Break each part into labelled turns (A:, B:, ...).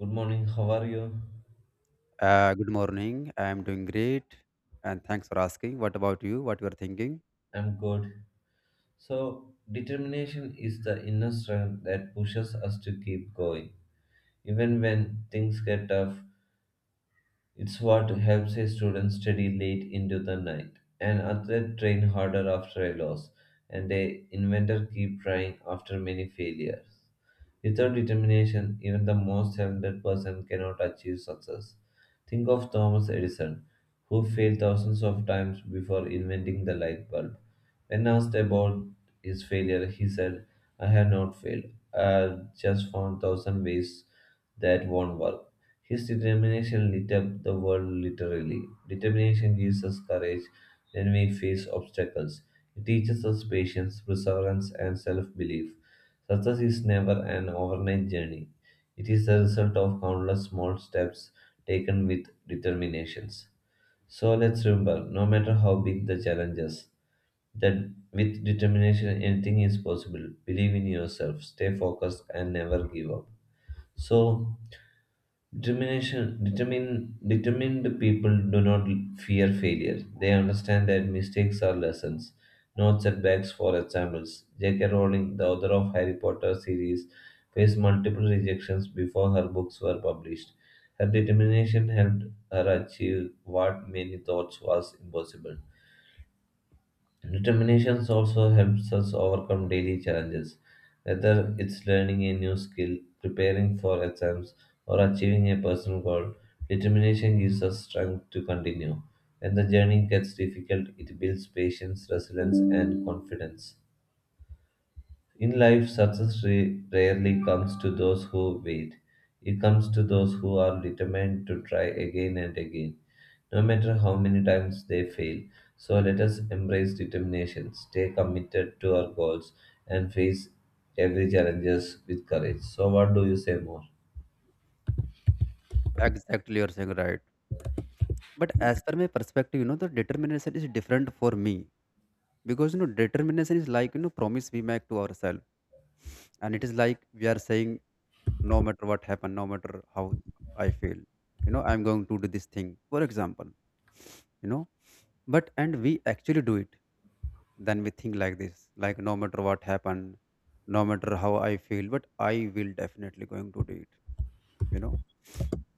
A: Good morning, how are you?
B: Good morning. I am doing great, and thanks for asking. What about you? What you are thinking?
A: I'm good. So, determination is the inner strength that pushes us to keep going. Even when things get tough, it's what helps a student study late into the night, an athlete train harder after a loss, and a inventor keep trying after many failures. Without determination, even the most talented person cannot achieve success. Think of Thomas Edison, who failed thousands of times before inventing the light bulb. When asked about his failure, he said, I have not failed. I have just found thousand ways that won't work. His determination lit up the world literally. Determination gives us courage when we face obstacles. It teaches us patience, perseverance, and self belief. Success is never an overnight journey. It is the result of countless small steps taken with determinations. So let's remember, no matter how big the challenges, that with determination anything is possible. Believe in yourself, stay focused and never give up. So determination, determine, determined people do not fear failure. They understand that mistakes are lessons, not setbacks. For examples, J.K. Rowling, the author of Harry Potter series, faced multiple rejections before her books were published. Her determination helped her achieve what many thought was impossible. Determination also helps us overcome daily challenges, whether it's learning a new skill, preparing for exams, or achieving a personal goal. Determination gives us strength to continue. When the journey gets difficult, it builds patience, resilience, and confidence. In life, rarely comes to those who wait. It comes to those who are determined to try again and again, no matter how many times they fail. So let us embrace determination, stay committed to our goals, and face every challenges with courage. So, what do you say more?
B: Exactly, you're saying right. But as per my perspective, the determination is different for me because determination is like promise we make to ourselves, and it is like we are saying no matter what happen, no matter how I feel, I'm going to do this thing. For example, you know, but and we actually do it. Then we think like this, like no matter what happened, no matter how I feel, but I will definitely going to do it. You know,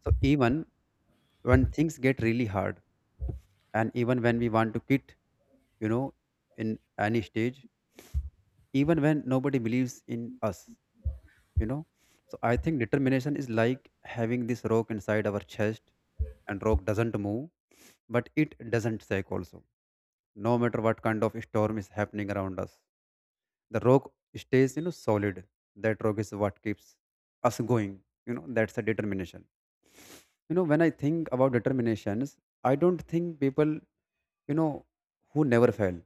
B: so even when things get really hard and even when we want to quit, you know in any stage, even when nobody believes in us, you know so I think determination is like having this rock inside our chest, and rock doesn't move but it doesn't shake also, no matter what kind of storm is happening around us, the rock stays solid. That rock is what keeps us going. That's the determination. When I think about determinations, I don't think people, you know who never fail.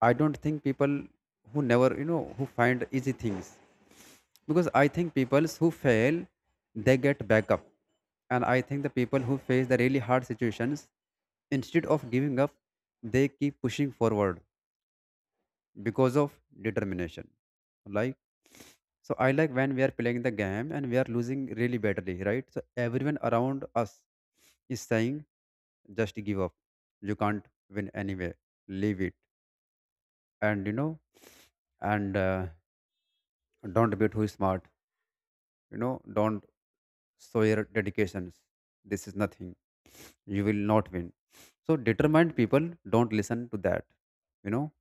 B: I don't think people who never, who find easy things. Because I think people who fail, they get back up. And I think the people who face the really hard situations, instead of giving up, they keep pushing forward because of determination. Like, so I like when we are playing the game and we are losing really badly, right? So everyone around us is saying, just give up. You can't win anyway. Leave it. And, you know, and don't beat who is smart. Don't show your dedications. This is nothing. You will not win. So determined people don't listen to that. You know,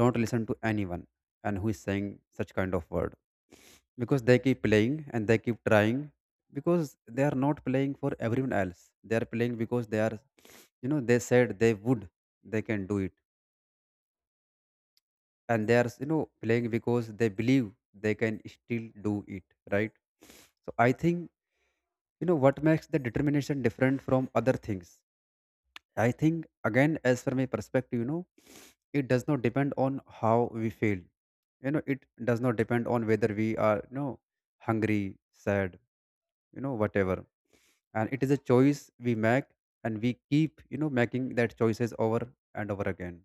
B: don't listen to anyone and who is saying such kind of word because they keep playing and they keep trying because they are not playing for everyone else. They are playing because they are, they said they would, they can do it, and they are, playing because they believe they can still do it, right? So I think what makes the determination different from other things. I think, again, as from a perspective, it does not depend on how we feel. It does not depend on whether we are hungry, sad, whatever. And it is a choice we make, and we keep making that choices over and over again.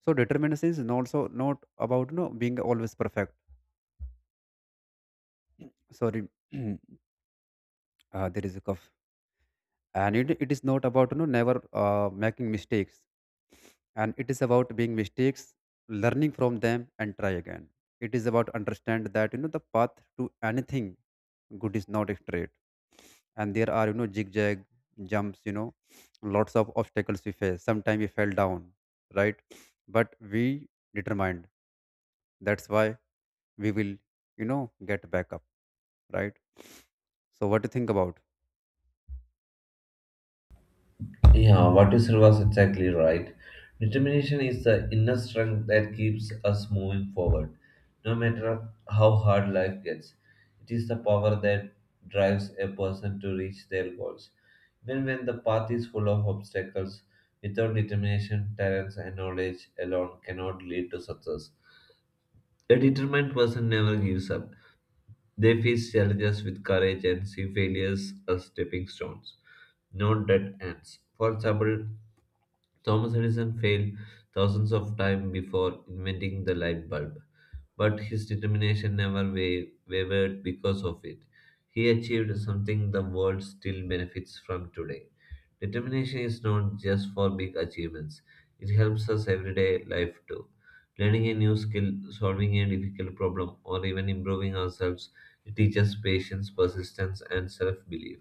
B: So determination is not, so, not about being always perfect. Sorry. uh, there is a cough, and it is not about never making mistakes. And it is about being mistakes, learning from them, and try again. It is about understand that the path to anything good is not straight, and there are zigzag jumps. Lots of obstacles we face. Sometimes we fell down, right? But we determined, that's why we will you know get back up, right? So what do you think about?
A: Yeah, what you said was exactly right. Determination is the inner strength that keeps us moving forward, no matter how hard life gets. It is the power that drives a person to reach their goals. Even when the path is full of obstacles, without determination, talents, and knowledge alone cannot lead to success. A determined person never gives up. They face challenges with courage and see failures as stepping stones, not dead ends. For example, Thomas Edison failed thousands of times before inventing the light bulb, but his determination never wavered because of it. He achieved something the world still benefits from today. Determination is not just for big achievements, it helps us everyday life too. Learning a new skill, solving a difficult problem, or even improving ourselves, it teaches patience, persistence, and self belief.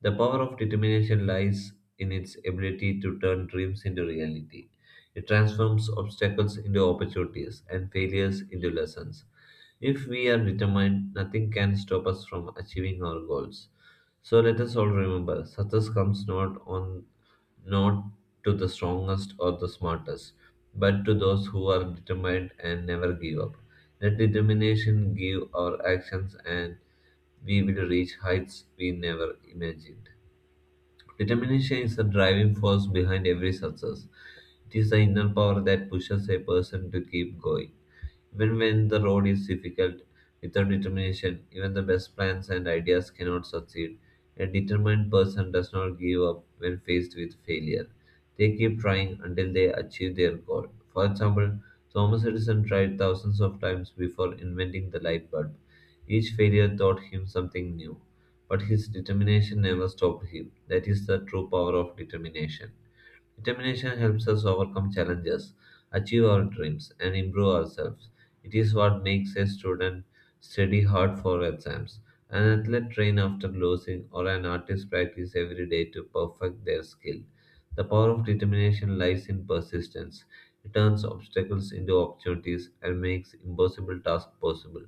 A: The power of determination lies in its ability to turn dreams into reality. It transforms obstacles into opportunities and failures into lessons. If we are determined, nothing can stop us from achieving our goals. So let us all remember success comes not to the strongest or the smartest, but to those who are determined and never give up. Let determination give our actions and we will reach heights we never imagined. Determination is the driving force behind every success. It is the inner power that pushes a person to keep going. Even when the road is difficult, without determination, even the best plans and ideas cannot succeed. A determined person does not give up when faced with failure. They keep trying until they achieve their goal. For example, Thomas Edison tried thousands of times before inventing the light bulb. Each failure taught him something new, but his determination never stopped him. That is the true power of determination. Determination helps us overcome challenges, achieve our dreams, and improve ourselves. It is what makes a student study hard for exams, an athlete train after losing, or an artist practice every day to perfect their skill. The power of determination lies in persistence. It turns obstacles into opportunities and makes impossible tasks possible.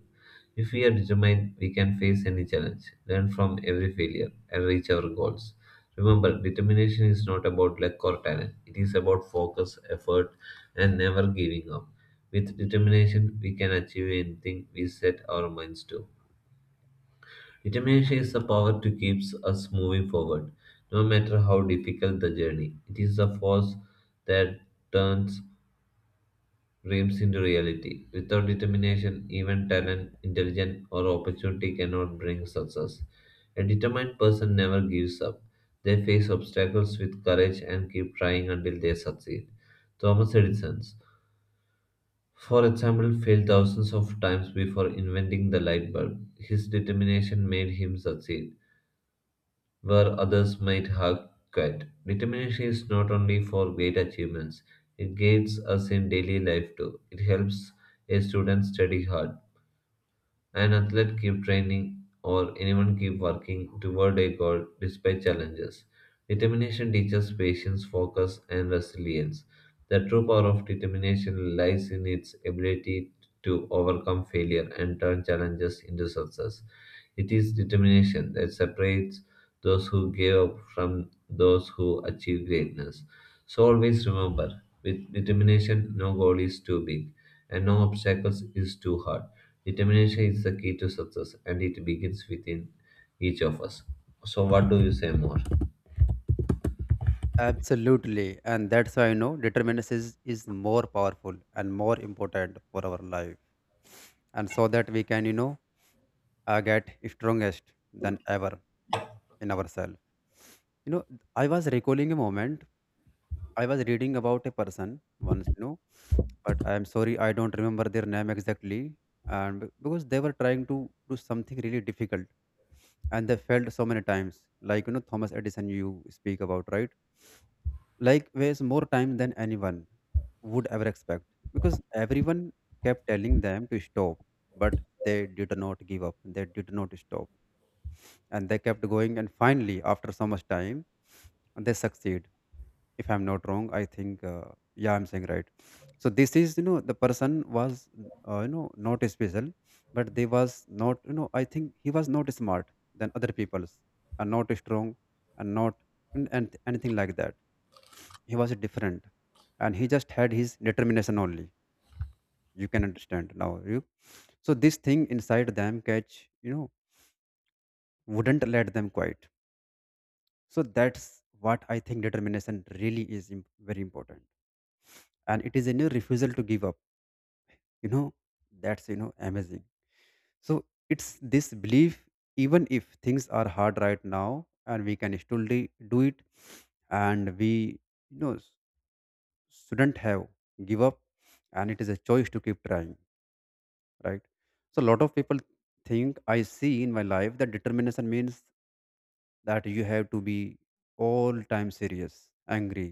A: If we are determined, we can face any challenge, learn from every failure, and reach our goals. Remember, determination is not about luck or talent. It is about focus, effort, and never giving up. With determination, we can achieve anything we set our minds to. Determination is the power to keep us moving forward, no matter how difficult the journey. It is the force that turns dreams into reality. Without determination, even talent, intelligence, or opportunity cannot bring success. A determined person never gives up. They face obstacles with courage and keep trying until they succeed. Thomas Edison, for example, failed thousands of times before inventing the light bulb. His determination made him succeed where others might have quit. Determination is not only for great achievements, it guides us in daily life too. It helps a student study hard, an athlete keep training or anyone keep working toward a goal despite challenges. Determination teaches patience, focus and resilience. The true power of determination lies in its ability to overcome failure and turn challenges into success. It is determination that separates those who give up from those who achieve greatness. So always remember, with determination, no goal is too big and no obstacles is too hard. Determination is the key to success and it begins within each of us. So, what do you say more?
B: Absolutely. And that's why determination is more powerful and more important for our life. And so that we can, get strongest than ever in ourselves. You know, I was recalling a moment. I was reading about a person once, but I am sorry, I don't remember their name exactly. And because they were trying to do something really difficult, and they failed so many times, like, Thomas Edison, you speak about, right? Like, waste more time than anyone would ever expect, because everyone kept telling them to stop, but they did not give up, they did not stop, and they kept going, and finally after so much time, they succeed. If I'm not wrong, I think, yeah, I'm saying right. So this is, the person was, not special. But they was not, I think he was not smart than other people's, and not strong, and not, and anything like that. He was different, and he just had his determination only. You can understand now, you. So this thing inside them catch, you know wouldn't let them quiet. So that's what I think determination really is, very important. And it is in your refusal to give up, you know that's amazing. So it's this belief, even if things are hard right now, and we can still do it. And we you know s- shouldn't have give up. And it is a choice to keep trying, right? So a lot of people think, I see in my life, that determination means that you have to be all time serious, angry,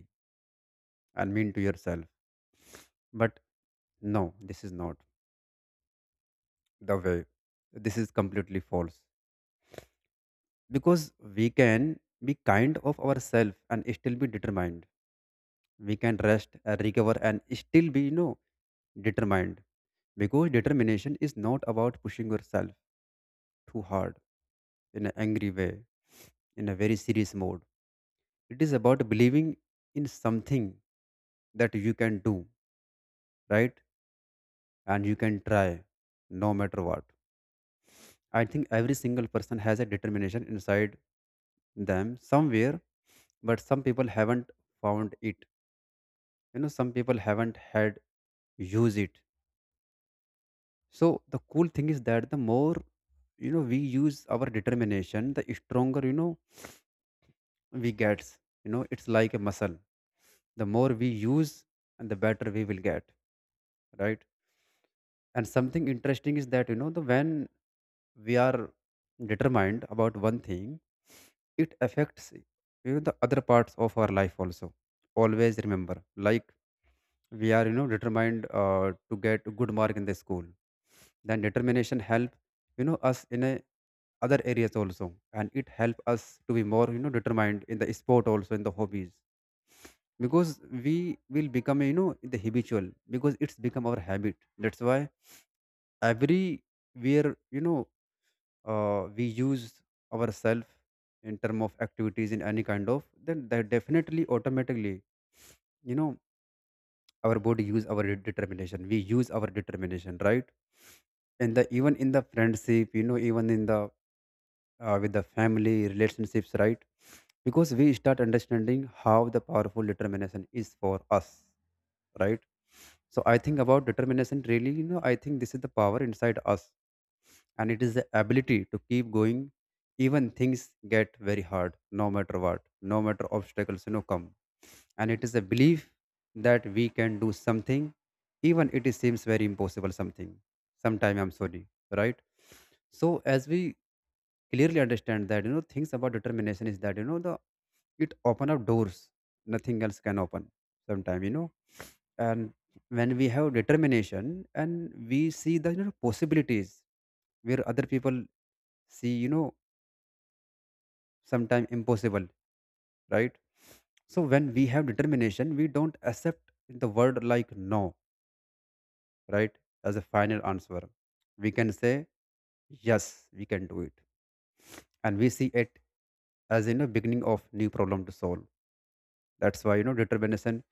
B: and mean to yourself. But no, this is not the way. This is completely false. Because we can be kind of ourselves and still be determined. We can rest and recover and still be determined. Because determination is not about pushing yourself too hard, in an angry way, in a very serious mode. It is about believing in something that you can do, right? And you can try, no matter what. I think every single person has a determination inside them somewhere, but some people haven't found it. Some people haven't had use it. So the cool thing is that the more we use our determination, the stronger we gets. It's like a muscle. The more we use and the better we will get, right? And something interesting is that you know the when we are determined about one thing, it affects the other parts of our life also. Always remember, like we are determined to get a good mark in the school, then determination help us in a other areas also. And it help us to be more determined in the sport, also in the hobbies. Because we will become the habitual, because it's become our habit. That's why everywhere, we use ourselves in term of activities in any kind of, then that definitely automatically you know our body use our determination, we use our determination, right? And the even in the friendship, even in the with the family relationships, right? Because we start understanding how the powerful determination is for us, right? So I think about determination really, I think this is the power inside us, and it is the ability to keep going, even things get very hard, no matter what, no matter obstacles come. And it is a belief that we can do something, even it is seems very impossible, something sometime, I'm sorry, right? So as we clearly understand that things about determination is that you know the it open up doors nothing else can open sometime. And when we have determination, and we see the, possibilities where other people see, sometime impossible, right? So when we have determination, we don't accept the word like no, right, as a final answer. We can say yes we can do it, and we see it as beginning of new problem to solve. That's why determination,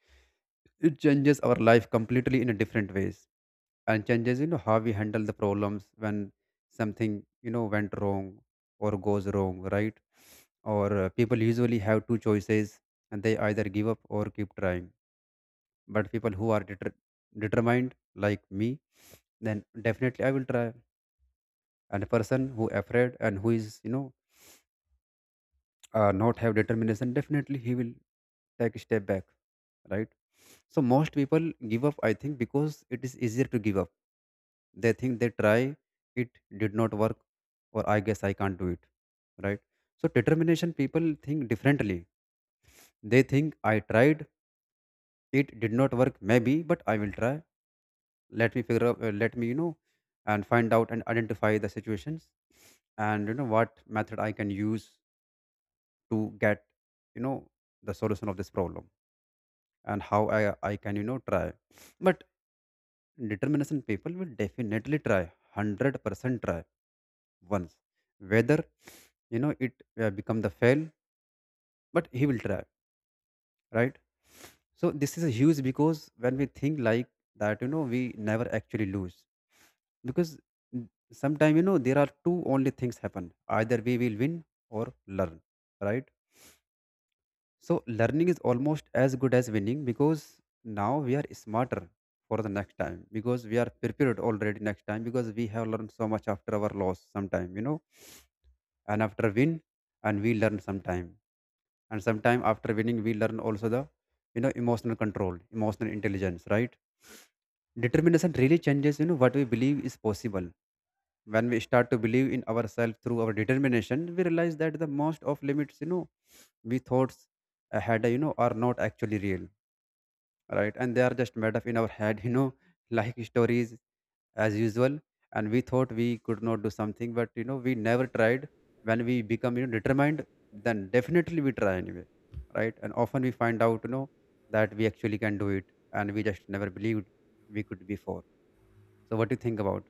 B: it changes our life completely in a different ways, and changes how we handle the problems when something went wrong or goes wrong, right? or People usually have two choices, and they either give up or keep trying. But people who are determined, like me, then definitely I will try. And a person who afraid and who is not have determination, definitely he will take a step back, right? So most people give up, I think, because it is easier to give up. They think, they try, it did not work, or I guess I can't do it, right? So determination people think differently. They think, I tried, it did not work maybe, but I will try. Let me figure out, let me, and find out and identify the situations, and what method I can use to get you know the solution of this problem, and how I can try. But determination people will definitely try, 100% try once, whether it become the fail, but he will try, right? So this is huge, because when we think like that, we never actually lose. Because sometimes there are two only things happen, either we will win or learn, right? So learning is almost as good as winning, because now we are smarter for the next time, because we are prepared already next time, because we have learned so much after our loss sometime, you know, and after win and we learn sometime. And sometime after winning we learn also the emotional control, emotional intelligence, right? Determination really changes what we believe is possible. When we start to believe in ourselves through our determination, we realize that the most of limits, we thoughts ahead, are not actually real, right? And they are just made up in our head like stories, as usual. And we thought we could not do something, but we never tried. When we become determined, then definitely we try anyway, right? And often we find out that we actually can do it, and we just never believed we could before. So what do you think about?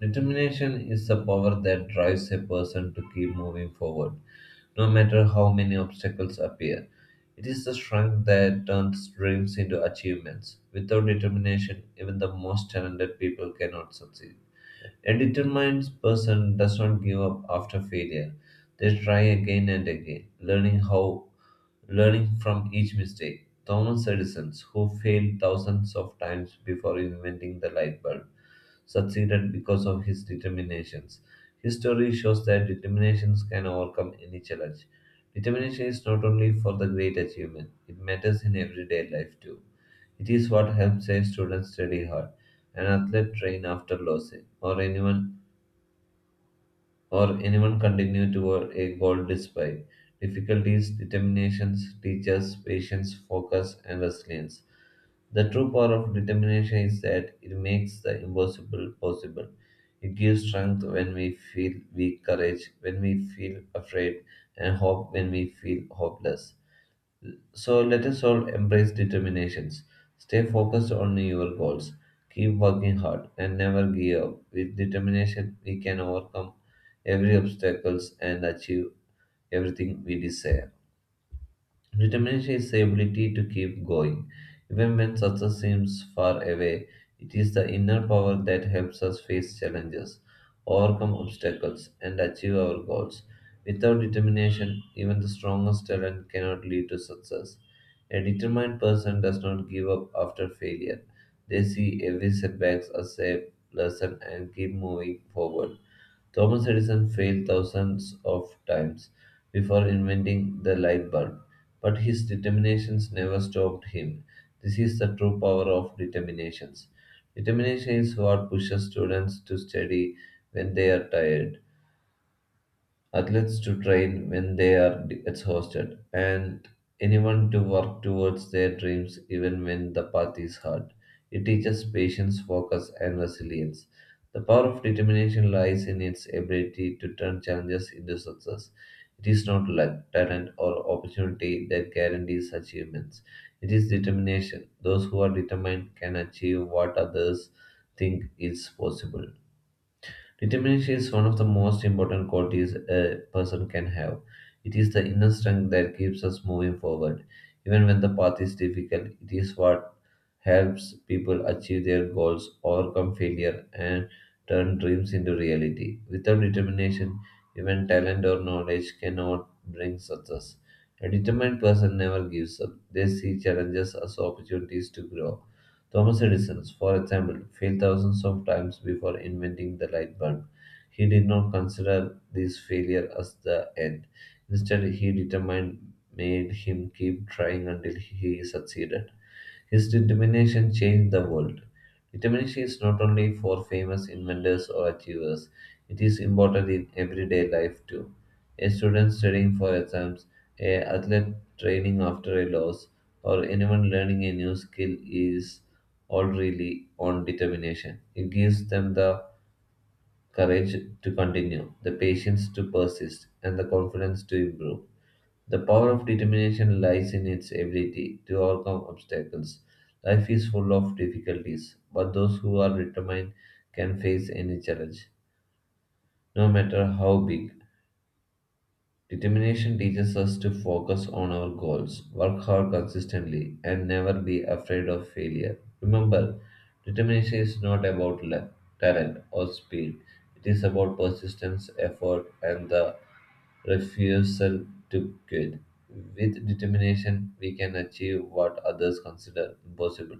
A: Determination is the power that drives a person to keep moving forward, no matter how many obstacles appear. It is the strength that turns dreams into achievements. Without determination, even the most talented people cannot succeed. A determined person does not give up after failure. They try again and again, learning from each mistake. Thomas Edison, who failed thousands of times before inventing the light bulb, succeeded because of his determinations. History shows that determinations can overcome any challenge. Determination is not only for the great achievement, it matters in everyday life too. It is what helps a student study hard, an athlete train after losing, or anyone continue toward a goal despite difficulties, determinations, teachers, patience, focus, and resilience. The true power of determination is that it makes the impossible possible. It gives strength when we feel weak, courage when we feel afraid, and hope when we feel hopeless. So let us all embrace determinations. Stay focused on your goals. Keep working hard and never give up. With determination, we can overcome every obstacles and achieve everything we desire. Determination is the ability to keep going. Even when success seems far away, it is the inner power that helps us face challenges, overcome obstacles, and achieve our goals. Without determination, even the strongest talent cannot lead to success. A determined person does not give up after failure. They see every setback as a lesson and keep moving forward. Thomas Edison failed thousands of times before inventing the light bulb, but his determinations never stopped him. This is the true power of determinations. Determination is what pushes students to study when they are tired athletes to train when they are exhausted, and anyone to work towards their dreams even when the path is hard. It teaches patience, focus, and resilience. The power of determination lies in its ability to turn challenges into success. It is not luck, talent, or opportunity that guarantees achievements. It is determination. Those who are determined can achieve what others think is possible. Determination is one of the most important qualities a person can have. It is the inner strength that keeps us moving forward. Even when the path is difficult, it is what helps people achieve their goals, overcome failure, and turn dreams into reality. Without determination, even talent or knowledge cannot bring success. A determined person never gives up. They see challenges as opportunities to grow. Thomas Edison, for example, failed thousands of times before inventing the light bulb. He did not consider this failure as the end. Instead, he determined made him keep trying until he succeeded. His determination changed the world. Determination is not only for famous inventors or achievers, it is important in everyday life too. A student studying for exams, a athlete training after a loss, or anyone learning a new skill is all really on determination. It gives them the courage to continue, the patience to persist, and the confidence to improve. The power of determination lies in its ability to overcome obstacles. Life is full of difficulties, but those who are determined can face any challenge, no matter how big. Determination teaches us to focus on our goals, work hard consistently, and never be afraid of failure. Remember, determination is not about luck, talent, or speed. It is about persistence, effort, and the refusal to quit. With determination, we can achieve what others consider impossible.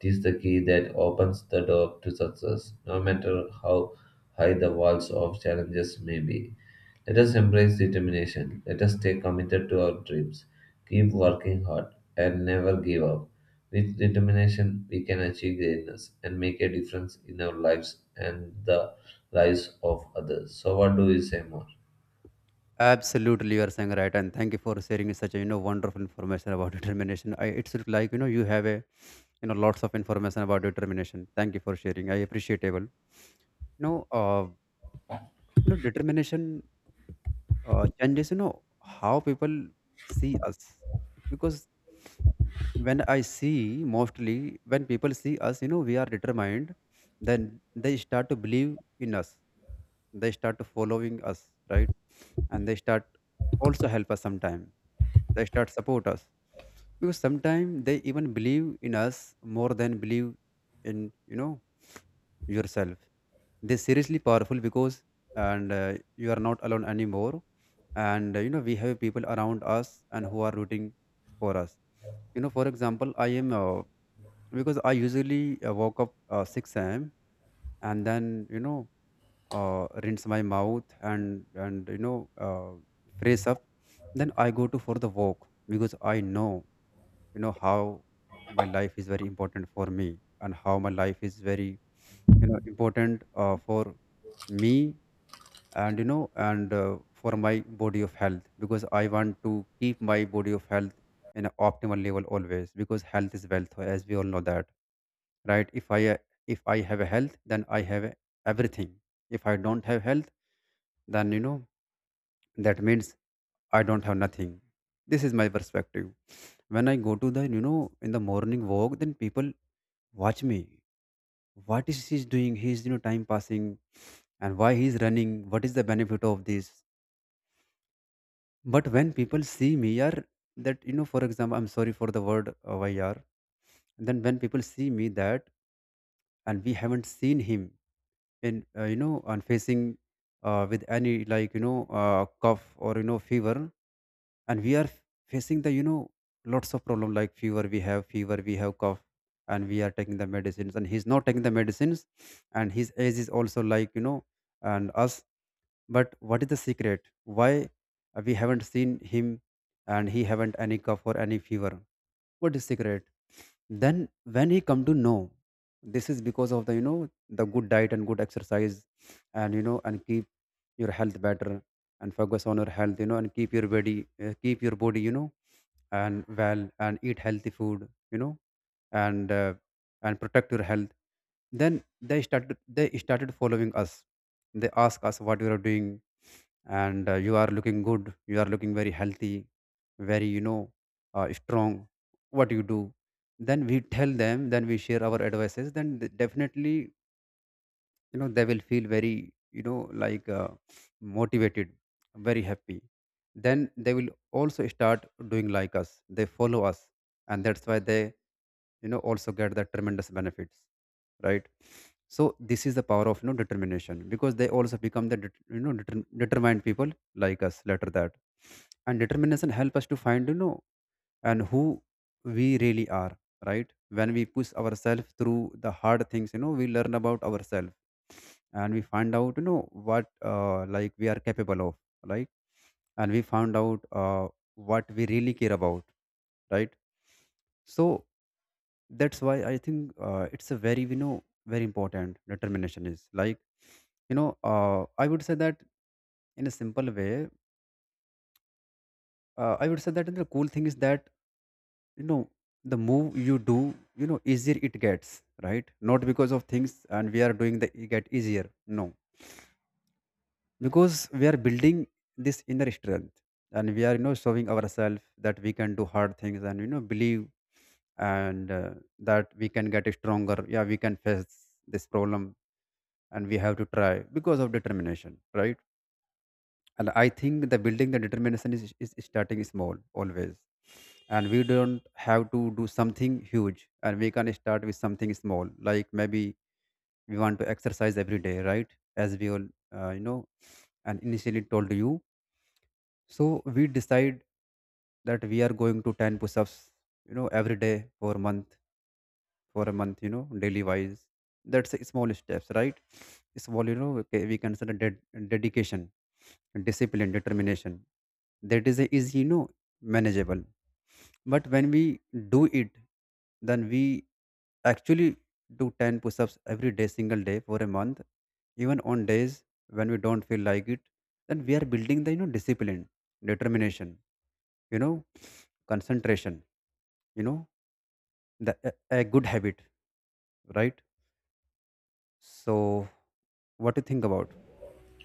A: It is the key that opens the door to success, no matter how high the walls of challenges may be. Let us embrace determination. Let us stay committed to our dreams. Keep working hard and never give up. With determination, we can achieve greatness and make a difference in our lives and the lives of others. So, what do we say more?
B: Absolutely, you are saying right, and thank you for sharing such a wonderful information about determination. It's sort of like you have a lots of information about determination. Thank you for sharing. I appreciable. Know, uh, determination changes how people see us. Because when I see, mostly when people see us, we are determined, then they start to believe in us. They start to following us, right? And they start also help us sometime. They start support us, because sometimes they even believe in us more than believe in yourself. They seriously powerful because and you are not alone anymore, and we have people around us and who are rooting for us. For example, I am because I usually woke up six a.m. And then rinse my mouth and fresh up, then I go to for the walk, because I know how my life is very important for me, and how my life is very important for me. And you know and uh, for my body of health, because I want to keep my body of health in an optimal level always, because health is wealth, as we all know that, right? If I have a health then I have a- everything. If I don't have health, then that means I don't have nothing. This is my perspective. When I go to the in the morning walk, then people watch me. What is he doing? He's time passing. And why he's running? What is the benefit of this? But when people see me, yaar, that, for example, I'm sorry for the word why, yaar. Then when people see me that, and we haven't seen him in, on facing with any like cough or, fever, and we are facing the, lots of problem like fever. We have fever, we have cough, and we are taking the medicines, and he's not taking the medicines, and his age is also like, and us. But what is the secret? Why we haven't seen him, and he haven't any cough or any fever? What is secret? Then when he come to know, this is because of the the good diet and good exercise, and and keep your health better, and focus on your health, and keep your body, and well, and eat healthy food, and uh, and protect your health. Then they started following us. They ask us, what you are doing? And you are looking good, you are looking very healthy, very strong. What you do? Then we tell them, then we share our advices, then definitely they will feel very like motivated, very happy. Then they will also start doing like us, they follow us, and that's why they also get the tremendous benefits, right? So this is the power of determination, because they also become the determined people like us later that. And determination help us to find and who we really are, right? When we push ourselves through the hard things, we learn about ourselves, and we find out what like we are capable of, right? And we found out what we really care about, right? So that's why I think it's a very very important. Determination is like I would say that, in a simple way, I would say that the cool thing is that you know the move you do, easier it gets, right? Not because of things and we are doing the it get easier, no. Because we are building this inner strength, and we are showing ourselves that we can do hard things, and believe and that we can get stronger, yeah, we can face this problem, and we have to try because of determination, right? And I think the building the determination is starting small always. And we don't have to do something huge, and we can start with something small, like maybe we want to exercise every day, right? As we all uh, you know and initially told you. So we decide that we are going to 10 push-ups every day for a month, for a month daily wise. That's a small steps, right? Small okay, we consider dedication, discipline, determination. That is a easy manageable. But when we do it, then we actually do 10 push-ups every day single day for a month, even on days when we don't feel like it. Then we are building the discipline, determination, you know concentration, you know the a good habit, right? So what do you think about?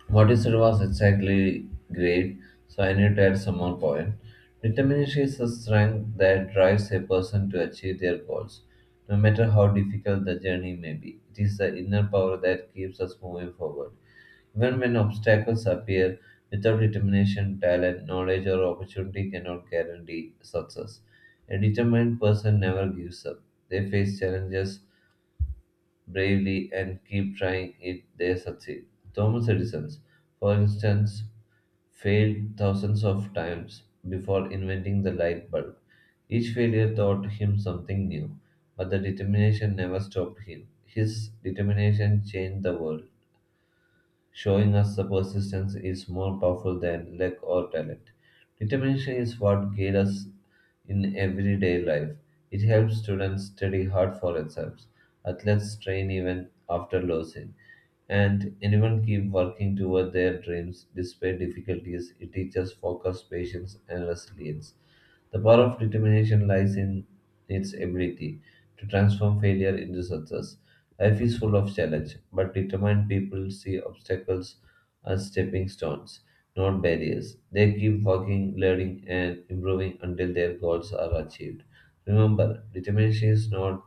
A: What you said was exactly great, so I need to add some more point. Determination is a strength that drives a person to achieve their goals, no matter how difficult the journey may be. It is the inner power that keeps us moving forward. Even when obstacles appear, without determination, talent, knowledge, or opportunity cannot guarantee success. A determined person never gives up. They face challenges bravely and keep trying it they succeed. Thomas Edison, for instance, failed thousands of times before inventing the light bulb. Each failure taught him something new, but the determination never stopped him. His determination changed the world, showing us the persistence is more powerful than luck or talent. Determination is what guides us in everyday life. It helps students study hard for exams, athletes train even after losing, and anyone keep working toward their dreams despite difficulties. It teaches focus, patience, and resilience. The power of determination lies in its ability to transform failure into success. Life is full of challenge, but determined people see obstacles as stepping stones, not barriers. They keep working, learning, and improving until their goals are achieved. Remember, determination is not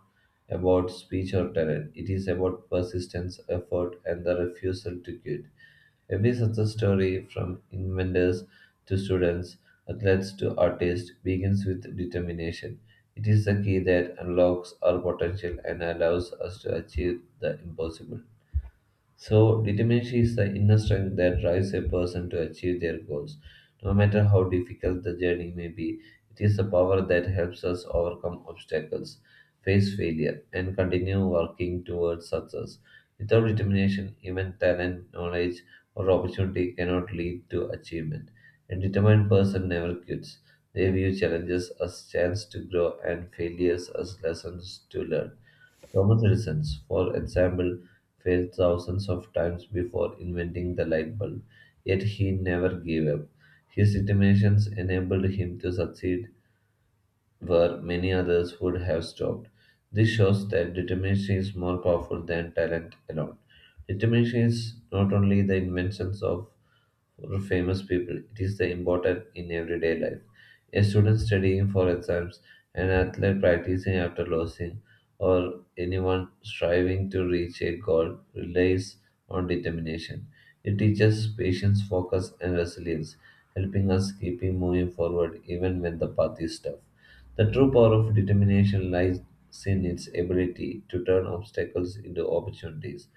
A: about speech or talent, it is about persistence, effort, and the refusal to quit. Every success story, from inventors to students, athletes to artists, begins with determination. It is the key that unlocks our potential and allows us to achieve the impossible. So, determination is the inner strength that drives a person to achieve their goals. No matter how difficult the journey may be, it is the power that helps us overcome obstacles, face failure, and continue working towards success. Without determination, even talent, knowledge, or opportunity cannot lead to achievement. A determined person never quits. They view challenges as chance to grow and failures as lessons to learn. Roman citizens, for example, failed thousands of times before inventing the light bulb, yet he never gave up. His determination enabled him to succeed where many others would have stopped. This shows that determination is more powerful than talent alone. Determination is not only the inventions of famous people, it is the important in everyday life. A student studying for exams, an athlete practicing after losing, or anyone striving to reach a goal relies on determination. It teaches patience, focus, and resilience, helping us keeping moving forward even when the path is tough. The true power of determination lies in its ability to turn obstacles into opportunities.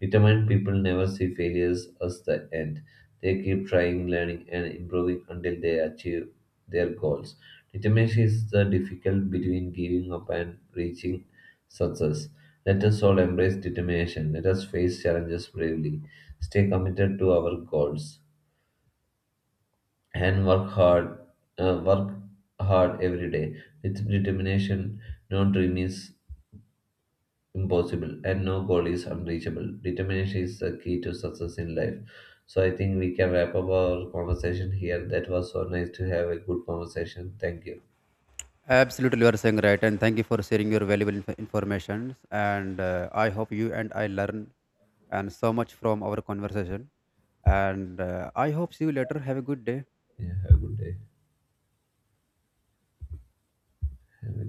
A: Determined people never see failures as the end. They keep trying, learning, and improving until they achieve their goals. Determination is the difficult between giving up and reaching success. Let us all embrace determination. Let us face challenges bravely. Stay committed to our goals and work hard every day. With determination, no dream is impossible and no goal is unreachable. Determination is the key to success in life. So I think we can wrap up our conversation here. That was so nice to have a good conversation. Thank you.
B: Absolutely, you are saying right, and thank you for sharing your valuable information. And I hope you and I learn and so much from our conversation. And I hope see you later. Have a good day.
A: Yeah, have a good day. Have a